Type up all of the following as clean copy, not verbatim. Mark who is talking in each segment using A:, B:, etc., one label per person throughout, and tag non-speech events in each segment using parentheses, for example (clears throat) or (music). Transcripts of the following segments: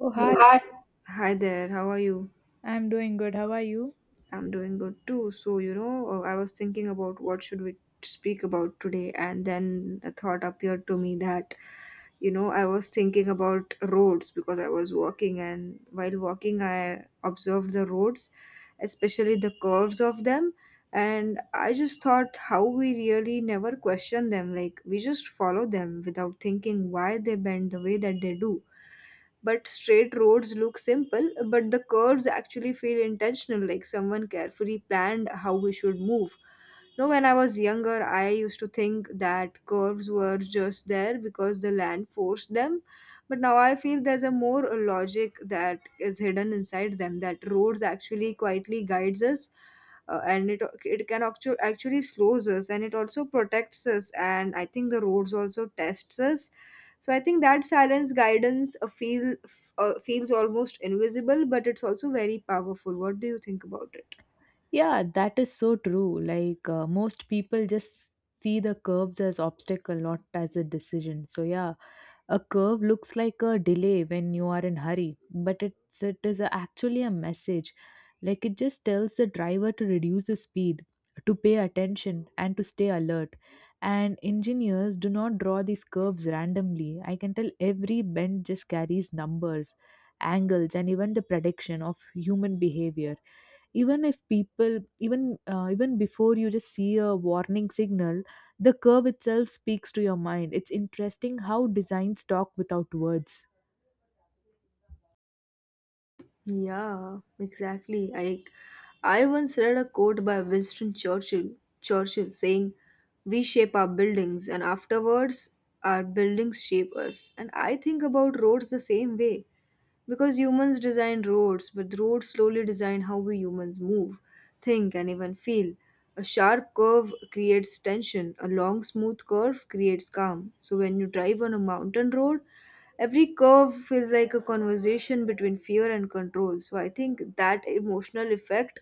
A: Oh,
B: Yeah.
A: hi.
B: Hi. Hi there, how are you?
A: I'm doing good. How are you?
B: I'm doing good too. I was thinking about what should we speak about today, and then a thought appeared to me that I was thinking about roads because I was walking, and while walking I observed the roads, especially the curves of them. And I just thought how we really never question them, like we just follow them without thinking why they bend the way that they do. But straight roads look simple, but the curves actually feel intentional, like someone carefully planned how we should move. You know, when I was younger, I used to think that curves were just there because the land forced them. But now I feel there's a more logic that is hidden inside them, that roads actually quietly guides us. And it can actually slows us, and it also protects us, and I think the roads also tests us. So I think that silence guidance feels almost invisible, but it's also very powerful. What do you think about it?
A: Yeah, that is so true. Like most people just see the curves as obstacle, not as a decision. So yeah, a curve looks like a delay when you are in hurry, but it actually a message. Like it just tells the driver to reduce the speed, to pay attention, and to stay alert. And engineers do not draw these curves randomly. I can tell every bend just carries numbers, angles, and even the prediction of human behavior even if people even before you just see a warning signal, the curve itself speaks to your mind. It's interesting how designs talk without words.
B: Yeah, exactly. I once read a quote by Winston Churchill, saying, "We shape our buildings and afterwards our buildings shape us." And I think about roads the same way. Because humans design roads, but the roads slowly design how we humans move, think, and even feel. A sharp curve creates tension, a long, smooth curve creates calm. So when you drive on a mountain road, every curve feels like a conversation between fear and control. So I think that emotional effect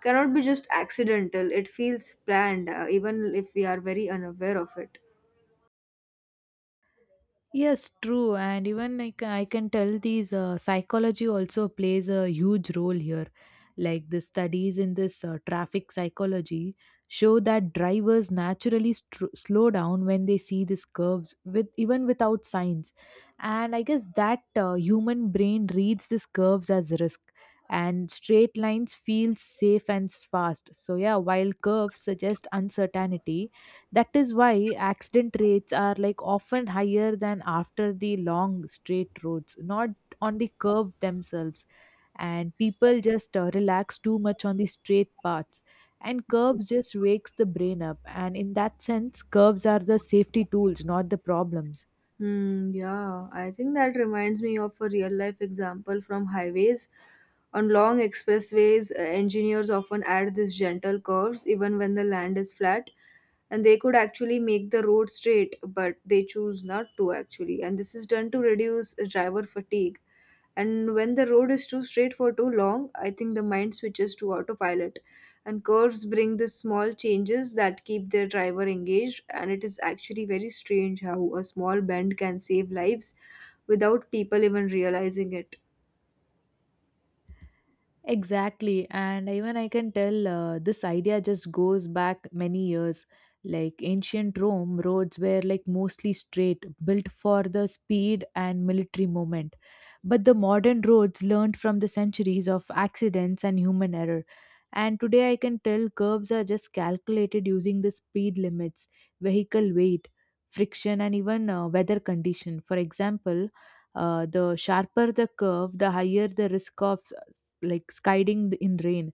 B: cannot be just accidental, it feels planned, even if we are very unaware of it.
A: Yes, true. And even like I can tell these psychology also plays a huge role here. Like the studies in this traffic psychology show that drivers naturally str slow down when they see these curves with even without signs. And I guess that human brain reads these curves as risk, and straight lines feel safe and fast. So yeah, while curves suggest uncertainty, that is why accident rates are like often higher than after the long straight roads, not on the curve themselves. And people just relax too much on the straight paths. And curves just wakes the brain up. And in that sense, curves are the safety tools, not the problems.
B: Hmm, yeah, I think that reminds me of a real life example from highways. On long expressways, engineers often add these gentle curves even when the land is flat, and they could actually make the road straight, but they choose not to actually. And this is done to reduce driver fatigue. And when the road is too straight for too long, I think the mind switches to autopilot. And curves bring the small changes that keep their driver engaged. And it is actually very strange how a small bend can save lives without people even realizing it.
A: Exactly. And even I can tell this idea just goes back many years. Like ancient Rome, roads were like mostly straight, built for the speed and military movement. But the modern roads learned from the centuries of accidents and human error. And today I can tell curves are just calculated using the speed limits, vehicle weight, friction, and even weather condition. For example, the sharper the curve, the higher the risk of like sliding in rain.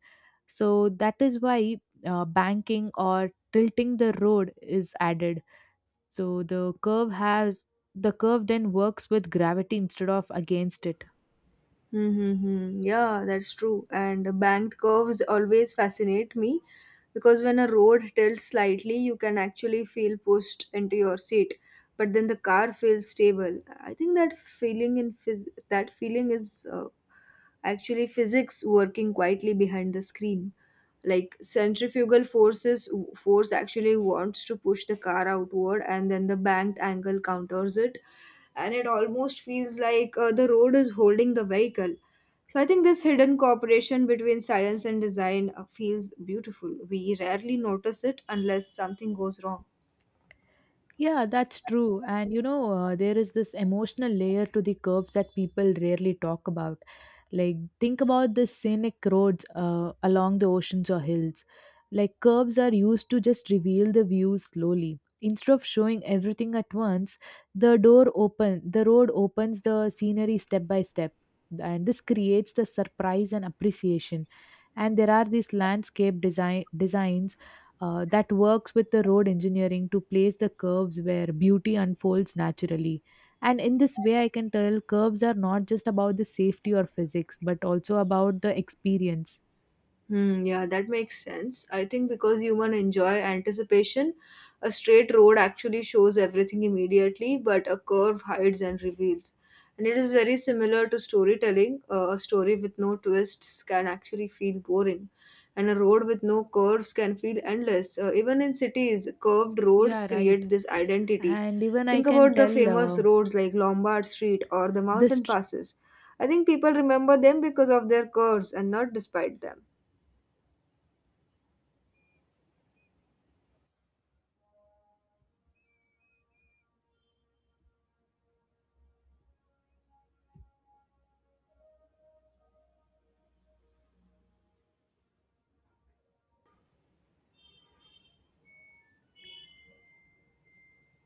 A: So that is why banking or tilting the road is added. So the curve then works with gravity instead of against it.
B: Mm-hmm. Yeah, that's true. And banked curves always fascinate me because when a road tilts slightly, you can actually feel pushed into your seat, but then the car feels stable. I think that that feeling is actually physics working quietly behind the screen. Like force actually wants to push the car outward, and then the banked angle counters it, and it almost feels like the road is holding the vehicle. So I think this hidden cooperation between science and design feels beautiful. We rarely notice it unless something goes wrong.
A: Yeah, that's true. And you know, there is this emotional layer to the curbs that people rarely talk about. Like, think about the scenic roads along the oceans or hills. Like, curbs are used to just reveal the view slowly. Instead of showing everything at once, the road opens the scenery step by step, and this creates the surprise and appreciation. And there are these landscape designs that works with the road engineering to place the curves where beauty unfolds naturally. And in this way, I can tell curves are not just about the safety or physics, but also about the experience.
B: Hmm, yeah, that makes sense. I think because human enjoy anticipation, a straight road actually shows everything immediately, but a curve hides and reveals. And it is very similar to storytelling. A story with no twists can actually feel boring, and a road with no curves can feel endless. Even in cities, curved roads
A: Yeah, right.
B: create this identity.
A: And even I
B: Think
A: can
B: about the
A: tell
B: famous roads like Lombard Street or the
A: this.
B: mountain
A: tr-
B: passes. I think people remember them because of their curves and not despite them.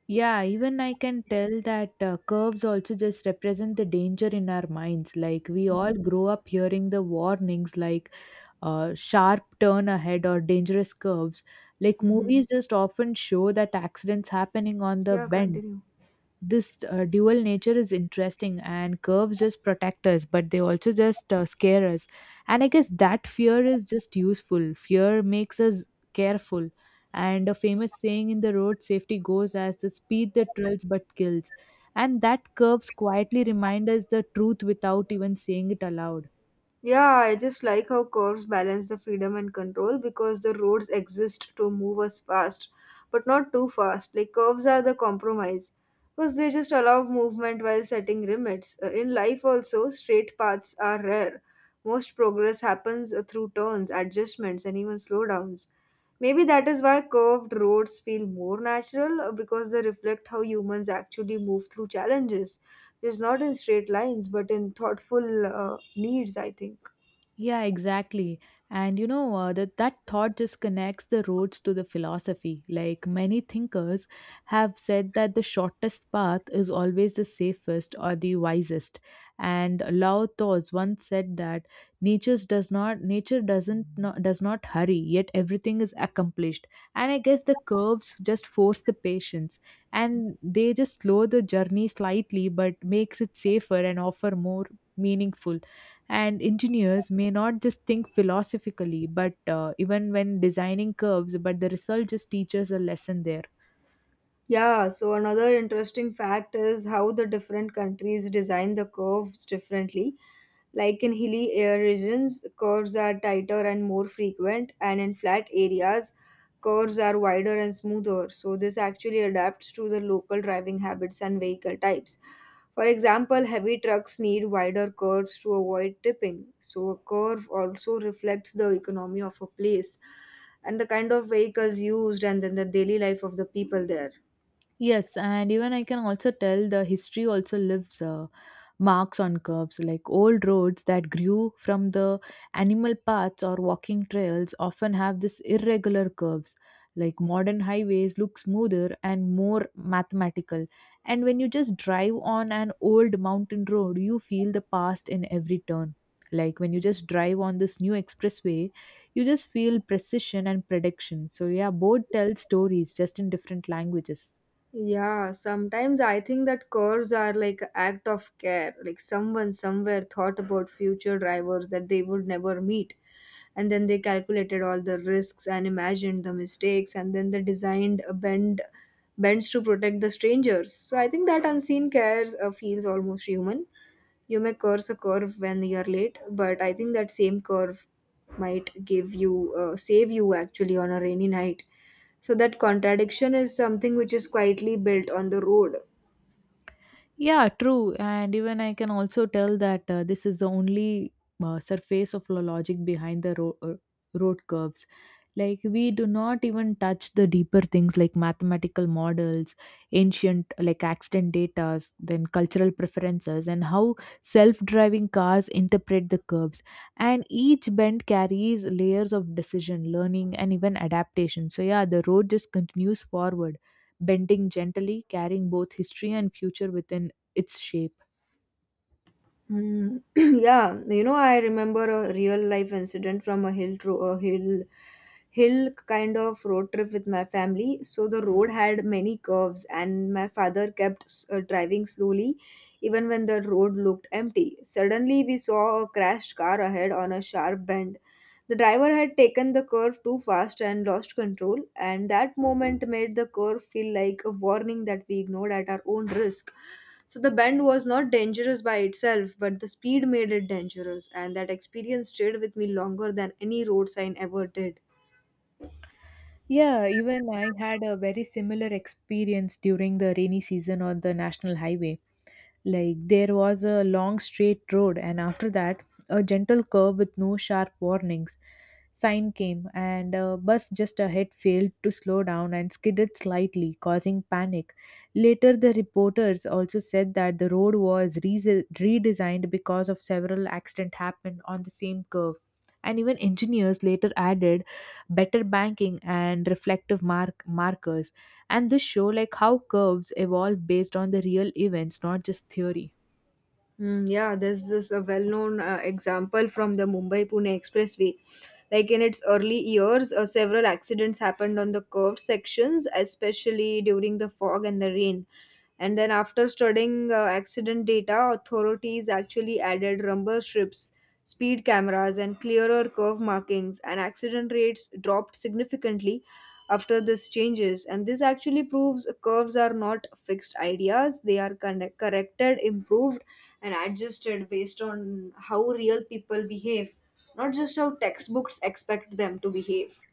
A: Yeah, even I can tell that curves also just represent the danger in our minds. Like we all grow up hearing the warnings like sharp turn ahead or dangerous curves. Like
B: Mm-hmm.
A: movies just often show that accidents happening on the
B: Yeah,
A: bend.
B: continue.
A: This dual nature is interesting, and curves just protect us, but they also just scare us. And I guess that fear is just useful. Fear makes us careful. And a famous saying in the road safety goes as the speed that thrills but kills. And that curves quietly remind us the truth without even saying it aloud.
B: Yeah, I just like how curves balance the freedom and control because the roads exist to move us fast, but not too fast. Like curves are the compromise because they just allow movement while setting limits. In life, also, straight paths are rare. Most progress happens through turns, adjustments, and even slowdowns. Maybe that is why curved roads feel more natural because they reflect how humans actually move through challenges. Is not in straight lines but in thoughtful needs, I think.
A: Yeah, exactly. And you know, that thought just connects the roads to the philosophy. Like many thinkers have said that the shortest path is always the safest or the wisest. And Lao Tzu once said that nature does not hurry, yet everything is accomplished. And I guess the curves just force the patience, and they just slow the journey slightly but makes it safer and offer more meaningful. And engineers may not just think philosophically but even when designing curves, but the result just teaches a lesson there.
B: Yeah, so another interesting fact is how the different countries design the curves differently. Like in hilly air regions, curves are tighter and more frequent, and in flat areas, curves are wider and smoother. So, this actually adapts to the local driving habits and vehicle types. For example, heavy trucks need wider curves to avoid tipping. So, a curve also reflects the economy of a place and the kind of vehicles used and then the daily life of the people there.
A: Yes, and even I can also tell the history also leaves marks on curves, like old roads that grew from the animal paths or walking trails often have this irregular curves. Like modern highways look smoother and more mathematical. And when you just drive on an old mountain road, you feel the past in every turn. Like when you just drive on this new expressway, you just feel precision and prediction. So yeah, both tell stories just in different languages.
B: Yeah, sometimes I think that curves are like a act of care. Like someone somewhere thought about future drivers that they would never meet, and then they calculated all the risks and imagined the mistakes, and then they designed a bend bends to protect the strangers. So I think that unseen cares feels almost human. You may curse a curve when you're late, but I think that same curve might give you save you actually on a rainy night. So that contradiction is something which is quietly built on the road.
A: Yeah, true. And even I can also tell that this is the only surface of logic behind the road curves. Like, we do not even touch the deeper things like mathematical models, ancient like accident data, then cultural preferences, and how self driving cars interpret the curves. And each bend carries layers of decision, learning, and even adaptation. So, yeah, the road just continues forward bending gently, carrying both history and future within its shape.
B: Mm, (clears throat) yeah, you know, I remember a real life incident from a hill kind of road trip with my family. So the road had many curves, and my father kept driving slowly, even when the road looked empty. Suddenly, we saw a crashed car ahead on a sharp bend. The driver had taken the curve too fast and lost control, and that moment made the curve feel like a warning that we ignored at our own risk. So the bend was not dangerous by itself, but the speed made it dangerous, and that experience stayed with me longer than any road sign ever did.
A: Yeah, even I had a very similar experience during the rainy season on the national highway. Like there was a long straight road, and after that, a gentle curve with no sharp warnings. Sign came, and a bus just ahead failed to slow down and skidded slightly, causing panic. Later, the reporters also said that the road was redesigned because of several accidents happened on the same curve. And even engineers later added better banking and reflective markers, and this show like how curves evolve based on the real events, not just theory.
B: Mm, yeah, there's this a well-known example from the Mumbai-Pune Expressway. Like in its early years, several accidents happened on the curved sections, especially during the fog and the rain. And then, after studying accident data, authorities actually added rumble strips, speed cameras, and clearer curve markings, and accident rates dropped significantly after these changes. And this actually proves curves are not fixed ideas, they are corrected, improved, and adjusted based on how real people behave, not just how textbooks expect them to behave.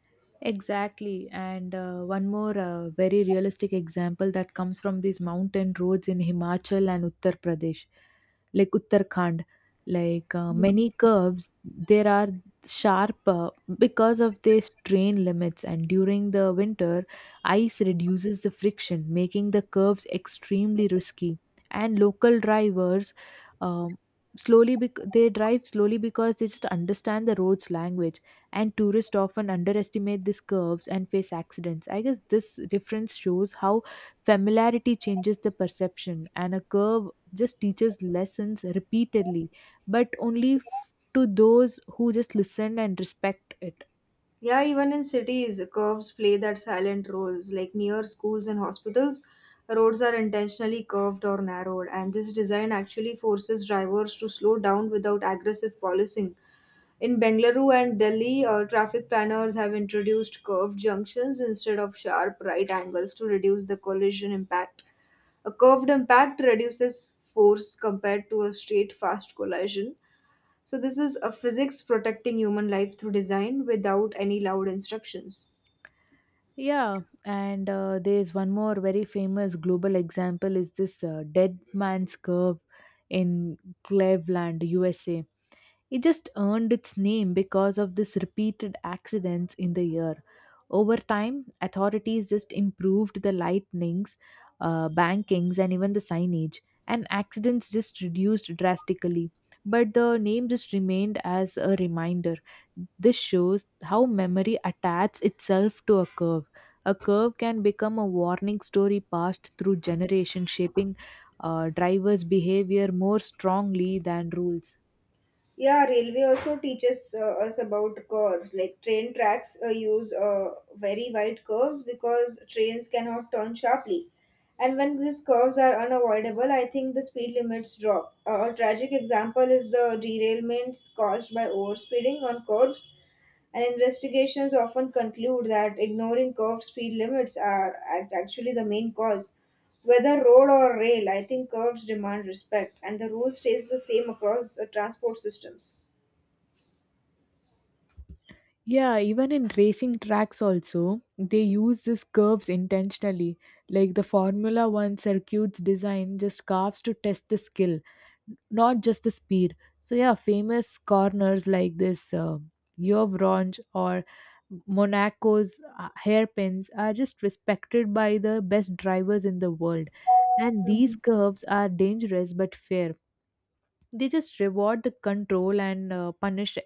A: Exactly. And one more very realistic example that comes from these mountain roads in Himachal and Uttar Pradesh, like Uttarakhand. Like many curves, there are sharp because of their strain limits, and during the winter, ice reduces the friction, making the curves extremely risky. And local drivers um, they drive slowly because they just understand the road's language, and tourists often underestimate these curves and face accidents. I guess this difference shows how familiarity changes the perception, and a curve just teaches lessons repeatedly, but only to those who just listen and respect it.
B: Yeah, even in cities, curves play that silent roles. Like near schools and hospitals, roads are intentionally curved or narrowed, and this design actually forces drivers to slow down without aggressive policing. In Bengaluru and Delhi, traffic planners have introduced curved junctions instead of sharp right angles to reduce the collision impact. A curved impact reduces force compared to a straight fast collision, so this is a physics protecting human life through design without any loud instructions.
A: Yeah, and there's one more very famous global example is this dead man's curve in Cleveland, USA. It just earned its name because of this repeated accidents in the year. Over time, authorities just improved the lightnings, bankings, and even the signage, and accidents just reduced drastically. But the name just remained as a reminder. This shows how memory attaches itself to a curve. A curve can become a warning story passed through generation, shaping drivers' behavior more strongly than rules.
B: Yeah, railway also teaches us about curves. Like train tracks use very wide curves because trains cannot turn sharply. And when these curves are unavoidable, I think the speed limits drop. A tragic example is the derailments caused by overspeeding on curves. And investigations often conclude that ignoring curved speed limits are actually the main cause. Whether road or rail, I think curves demand respect, and the rule stays the same across transport systems.
A: Yeah, even in racing tracks, also, they use these curves intentionally. Like the Formula One circuits design just curves to test the skill, not just the speed. So, yeah, famous corners like this Yovronj or Monaco's hairpins are just respected by the best drivers in the world. And these
B: Mhm.
A: curves are dangerous but fair. They just reward the control and punish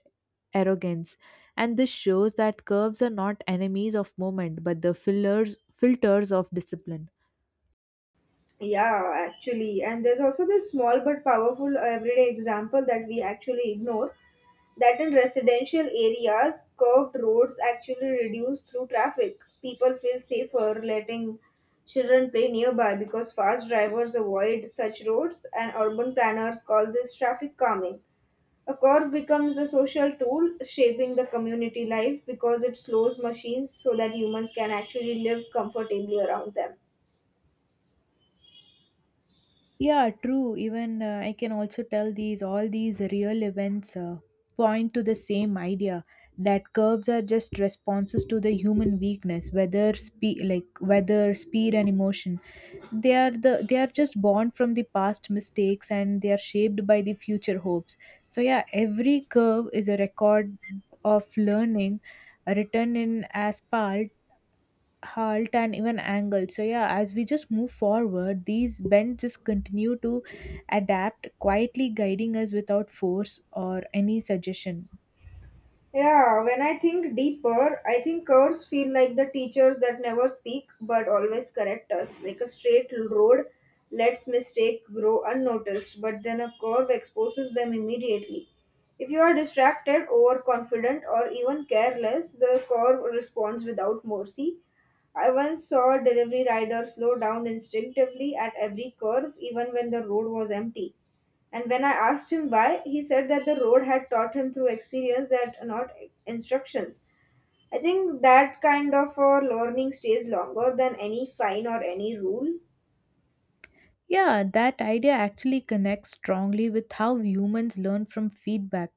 A: arrogance, and this shows that curves are not enemies of movement but the fillers filters of discipline.
B: Yeah, actually. And there's also this small but powerful everyday example that we actually ignore. That in residential areas, curved roads actually reduce through traffic. People feel safer letting children play nearby because fast drivers avoid such roads, and urban planners call this traffic calming. A curve becomes a social tool shaping the community life because it slows machines so that humans can actually live comfortably around them.
A: Yeah, true. Even I can also tell these all these real events point to the same idea that curves are just responses to the human weakness, whether speed like whether speed and emotion. They are just born from the past mistakes, and they are shaped by the future hopes. So yeah, every curve is a record of learning, written in asphalt halt and even angle. So yeah, as we just move forward, these bends just continue to adapt, quietly guiding us without force or any suggestion.
B: Yeah, when I think deeper, I think curves feel like the teachers that never speak but always correct us. Like a straight road lets mistake grow unnoticed, but then a curve exposes them immediately. If you are distracted, overconfident, or even careless, the curve responds without mercy. I once saw a delivery rider slow down instinctively at every curve, even when the road was empty. And when I asked him why, he said that the road had taught him through experience that not instructions. I think that kind of learning stays longer than any fine or any rule.
A: Yeah, that idea actually connects strongly with how humans learn from feedback,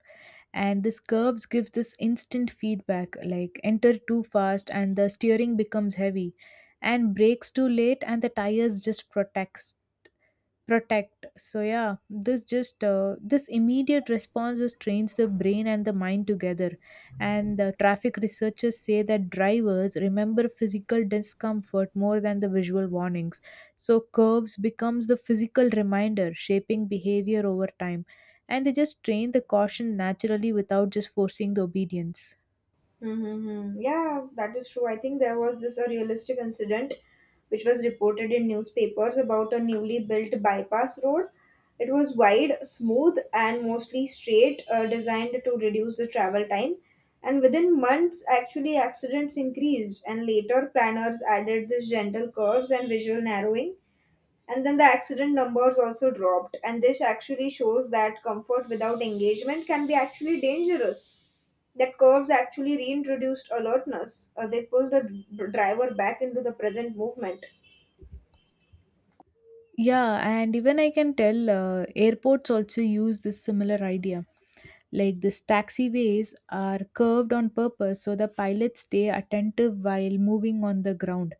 A: and this curves gives this instant feedback, like enter too fast and the steering becomes heavy, and brakes too late and the tires just protect. So yeah, this immediate response just trains the brain and the mind together, and the traffic researchers say that drivers remember physical discomfort more than the visual warnings. So curves becomes the physical reminder shaping behavior over time, and they just train the caution naturally without just forcing the obedience.
B: Mm-hmm. Yeah, that is true. I think there was this a realistic incident which was reported in newspapers about a newly built bypass road. It was wide, smooth, and mostly straight, designed to reduce the travel time. And within months, actually, accidents increased, and later planners added this gentle curves and visual narrowing. And then the accident numbers also dropped. And this actually shows that comfort without engagement can be actually dangerous, that curves actually reintroduced alertness. They pull driver back into the present movement.
A: Yeah, and even I can tell airports also use this similar idea. Like this taxiways are curved on purpose so the pilots stay attentive while moving on the ground.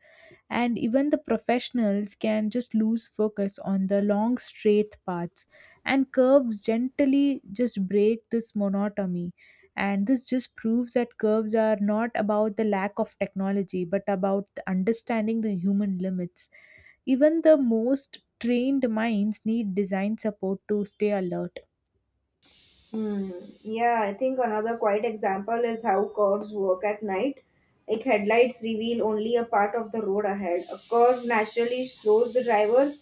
A: And even the professionals can just lose focus on the long straight paths. And curves gently just break this monotony. And this just proves that curves are not about the lack of technology, but about understanding the human limits. Even the most trained minds need design support to stay alert.
B: Hmm. Yeah, I think another quiet example is how curves work at night. Like headlights reveal only a part of the road ahead. A curve naturally slows the drivers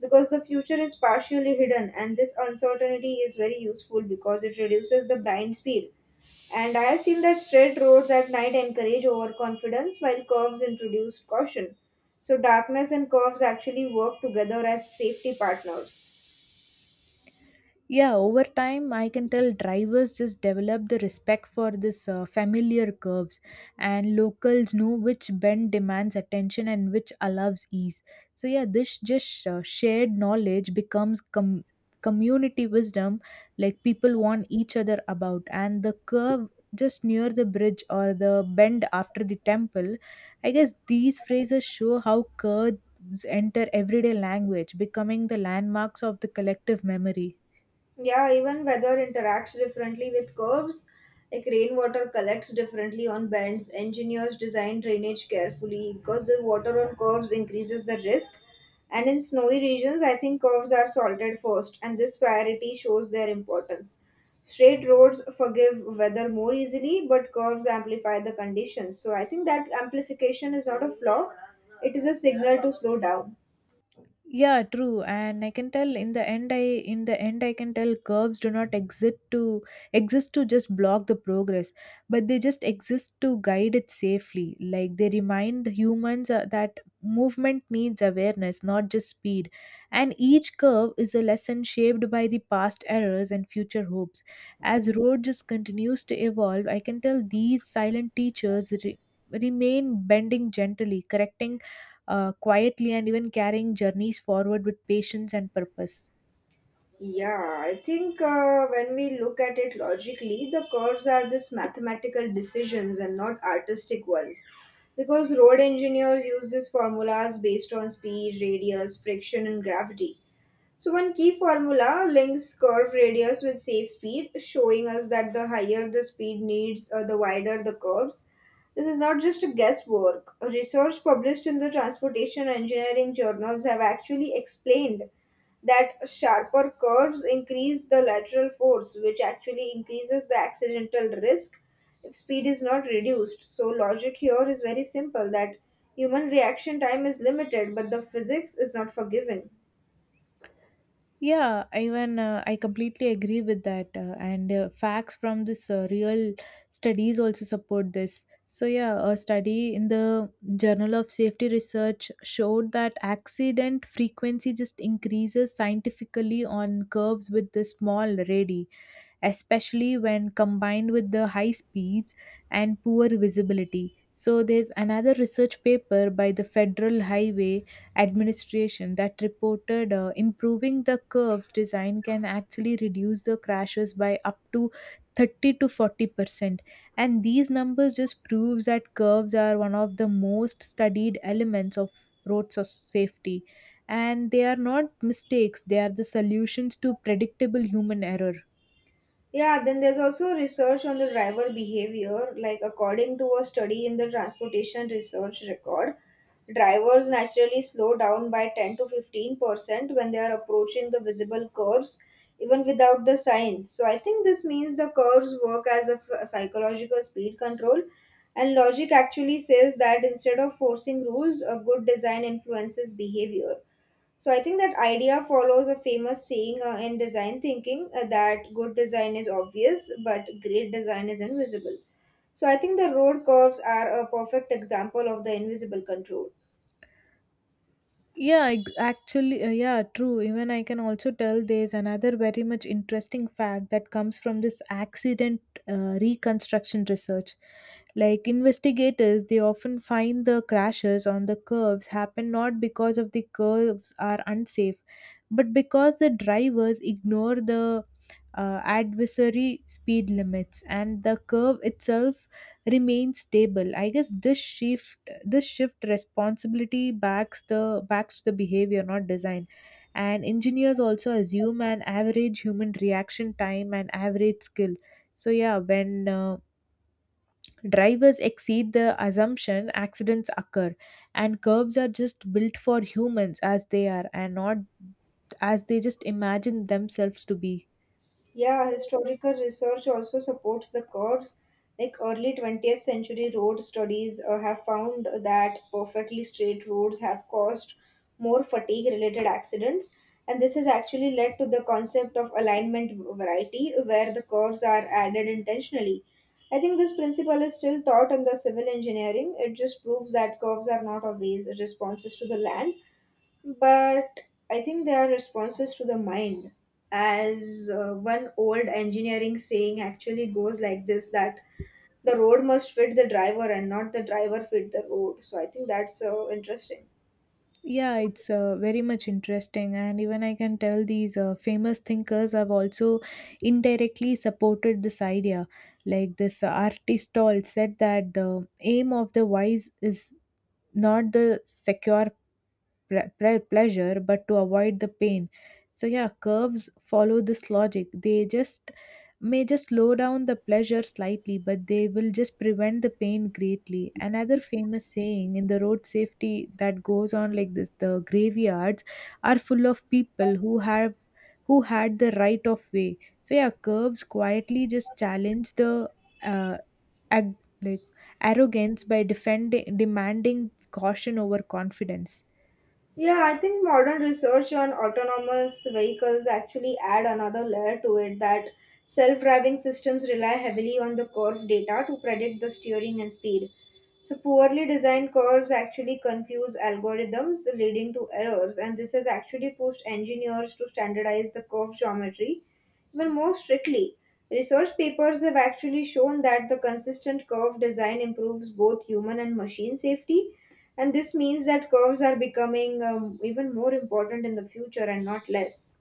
B: because the future is partially hidden, and this uncertainty is very useful because it reduces the blind speed. And I have seen that straight roads at night encourage overconfidence while curves introduce caution. So, darkness and curves actually work together as safety partners.
A: Yeah, over time, I can tell drivers just develop the respect for this familiar curves, and locals know which bend demands attention and which allows ease. So yeah, this just shared knowledge becomes community wisdom, like people warn each other about, and the curve just near the bridge or the bend after the temple. I guess these phrases show how curves enter everyday language, becoming the landmarks of the collective memory.
B: Yeah, even weather interacts differently with curves. Like rainwater collects differently on bends. Engineers design drainage carefully because the water on curves increases the risk. And in snowy regions, I think curves are salted first, and this priority shows their importance. Straight roads forgive weather more easily, but curves amplify the conditions. So I think that amplification is not a flaw, it is a signal to slow down.
A: Yeah, true. And I can tell in the end I In the end I can tell curves do not exist to just block the progress, but they just exist to guide it safely. Like they remind humans that movement needs awareness, not just speed. And each curve is a lesson shaped by the past errors and future hopes. As road just continues to evolve, I can tell these silent teachers remain bending gently, correcting quietly and even carrying journeys forward with patience and purpose.
B: Yeah, I think when we look at it logically, the curves are just mathematical decisions and not artistic ones. Because road engineers use these formulas based on speed, radius, friction, and gravity. So one key formula links curve radius with safe speed, showing us that the higher the speed needs, the wider the curves. This is not just a guesswork. Research published in the Transportation Engineering journals have actually explained that sharper curves increase the lateral force, which actually increases the accidental risk if speed is not reduced. So, logic here is very simple that human reaction time is limited, but the physics is not forgiving.
A: Yeah, even I completely agree with that. And Facts from this real studies also support this. So, yeah, a study in the Journal of Safety Research showed that accident frequency just increases scientifically on curves with the small radii, especially when combined with the high speeds and poor visibility. So, there's another research paper by the Federal Highway Administration that reported improving the curves design can actually reduce the crashes by up to 30 to 40%, and these numbers just proves that curves are one of the most studied elements of safety, and they are not mistakes, they are the solutions to predictable human error.
B: Yeah, then there's also research on the driver behavior. Like, according to a study in the transportation research record, drivers naturally slow down by 10 to 15% when they are approaching the visible curves, even without the signs. So, I think this means the curves work as a psychological speed control. And logic actually says that instead of forcing rules, a good design influences behavior. So I think that idea follows a famous saying in design thinking that good design is obvious, but great design is invisible. So I think the road curves are a perfect example of the invisible control.
A: Yeah, true. Even I can also tell there's another very much interesting fact that comes from this accident reconstruction research. Like investigators, they often find the crashes on the curves happen not because of the curves are unsafe, but because the drivers ignore the adversary speed limits, and the curve itself remains stable. I guess this shift responsibility backs the behavior, not design. And engineers also assume an average human reaction time and average skill. So yeah, when drivers exceed the assumption, accidents occur, and curves are just built for humans as they are and not as they just imagine themselves to be.
B: Yeah, historical research also supports the curves. Like early 20th century road studies have found that perfectly straight roads have caused more fatigue related accidents. And this has actually led to the concept of alignment variety, where the curves are added intentionally. I think this principle is still taught in the civil engineering. It just proves that curves are not always responses to the land, but I think they are responses to the mind. As one old engineering saying actually goes like this that the road must fit the driver and not the driver fit the road. So I think that's interesting.
A: Yeah, it's very much interesting, and even I can tell these famous thinkers have also indirectly supported this idea. Like this artist all said that the aim of the wise is not the secure pleasure, but to avoid the pain. So yeah, curves follow this logic. They just may just slow down the pleasure slightly, but they will just prevent the pain greatly. Another famous saying in the road safety that goes on like this: the graveyards are full of people who had the right of way. So yeah, curves quietly just challenge the uh, ag- like arrogance by defending demanding caution over confidence.
B: Yeah, I think modern research on autonomous vehicles actually add another layer to it that self-driving systems rely heavily on the curve data to predict the steering and speed. So poorly designed curves actually confuse algorithms leading to errors, and this has actually pushed engineers to standardize the curve geometry well, more strictly, research papers have actually shown that the consistent curve design improves both human and machine safety. And this means that curves are becoming even more important in the future and not less.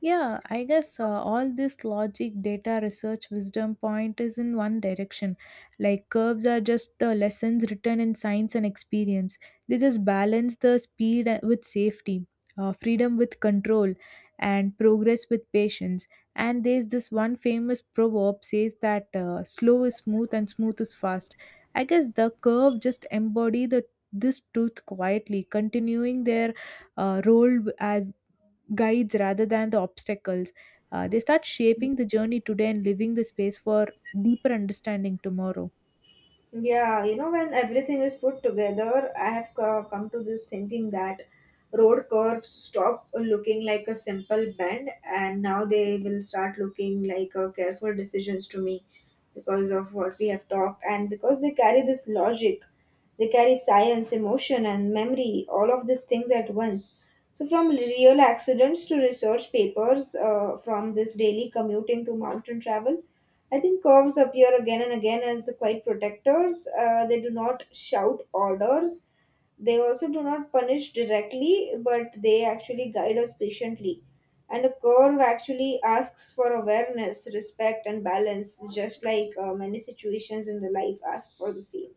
A: Yeah, I guess all this logic, data, research, wisdom point is in one direction. Like curves are just the lessons written in science and experience. They just balance the speed with safety, freedom with control, and progress with patience. And there's this one famous proverb says that slow is smooth and smooth is fast. I guess the curve just embody the this truth quietly, continuing their role as guides rather than the obstacles. They start shaping the journey today and leaving the space for deeper understanding tomorrow.
B: Yeah, you know, when everything is put together, I have come to this thinking that road curves stop looking like a simple bend and now they will start looking like careful decisions to me because of what we have talked and because they carry this logic. They carry science, emotion, and memory, all of these things at once. So, from real accidents to research papers, from this daily commuting to mountain travel, I think curves appear again and again as quite protectors. They do not shout orders, they also do not punish directly, but they actually guide us patiently. And a curve actually asks for awareness, respect, and balance, just like many situations in the life ask for the same.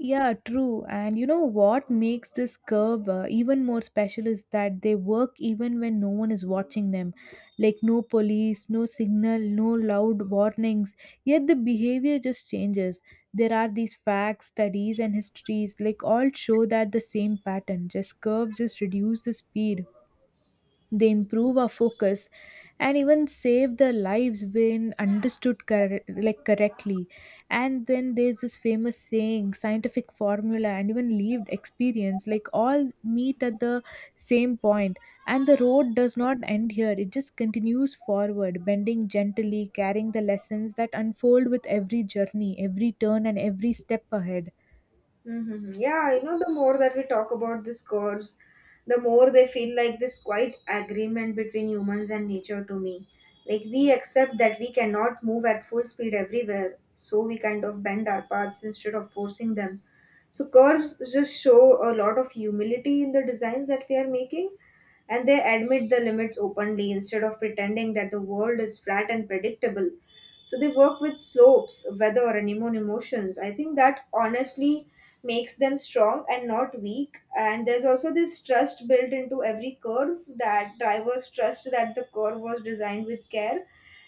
A: Yeah, true. And you know what makes this curve even more special is that they work even when no one is watching them. Like no police, no signal, no loud warnings. Yet the behavior just changes. There are these facts, studies, and histories, like all show that the same pattern. Just curves just reduce the speed. They improve our focus and even save their lives when understood correctly. And then there's this famous saying, scientific formula, and even lived experience, like all meet at the same point. And the road does not end here; it just continues forward, bending gently, carrying the lessons that unfold with every journey, every turn, and every step ahead.
B: Mm-hmm. Yeah, you know, the more that we talk about these curves, the more they feel like this quiet agreement between humans and nature to me. Like, we accept that we cannot move at full speed everywhere, so we kind of bend our paths instead of forcing them. So, curves just show a lot of humility in the designs that we are making, and they admit the limits openly instead of pretending that the world is flat and predictable. So they work with slopes, weather, and human emotions. I think that honestly makes them strong and not weak. And there's also this trust built into every curve that drivers trust that the curve was designed with care.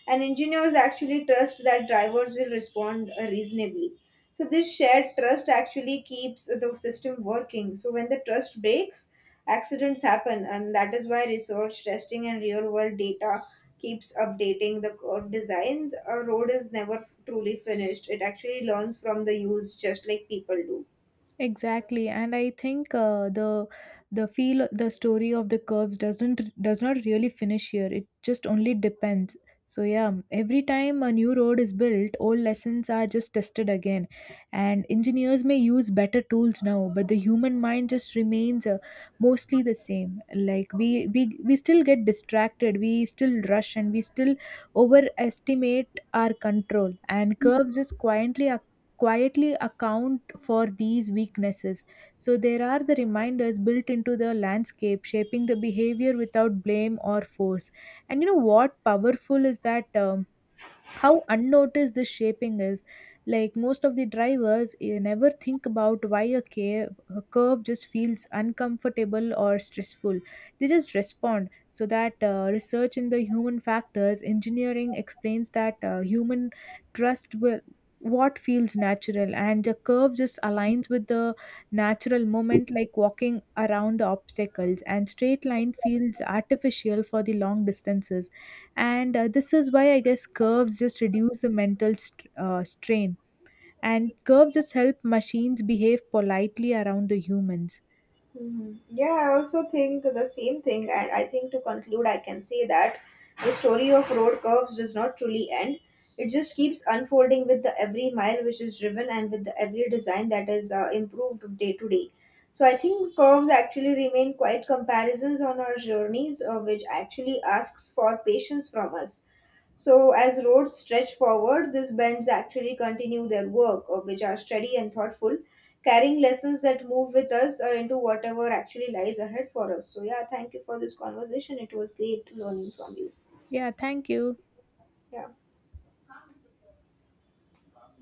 B: And engineers actually trust that drivers will respond reasonably. So this shared trust actually keeps the system working. So when the trust breaks, accidents happen, and that is why research, testing, and real world data keeps updating the curve designs. A road is never truly finished. It actually learns from the use, just like people do.
A: Exactly, and I think the story of the curves does not really finish here. It just only depends. So yeah, every time a new road is built, old lessons are just tested again, and engineers may use better tools now, but the human mind just remains mostly the same. Like we still get distracted, we still rush, and we still overestimate our control. And curves just quietly account for these weaknesses. So there are the reminders built into the landscape, shaping the behavior without blame or force. And you know what powerful is that how unnoticed this shaping is, like most of the drivers never think about why a curve just feels uncomfortable or stressful. They just respond. So that research in the human factors engineering explains that human trust will what feels natural, and the curve just aligns with the natural moment, like walking around the obstacles, and straight line feels artificial for the long distances. And this is why I guess curves just reduce the strain, and curves just help machines behave politely around the humans.
B: Hmm. Yeah, I also think the same thing. And I think to conclude, I can say that the story of road curves does not truly end. It just keeps unfolding with the every mile which is driven and with the every design that is improved day to day. So I think curves actually remain quite comparisons on our journeys, which actually asks for patience from us. So as roads stretch forward, these bends actually continue their work, which are steady and thoughtful, carrying lessons that move with us into whatever actually lies ahead for us. So, yeah, thank you for this conversation. It was great learning from you.
A: Yeah, thank you.
B: Yeah.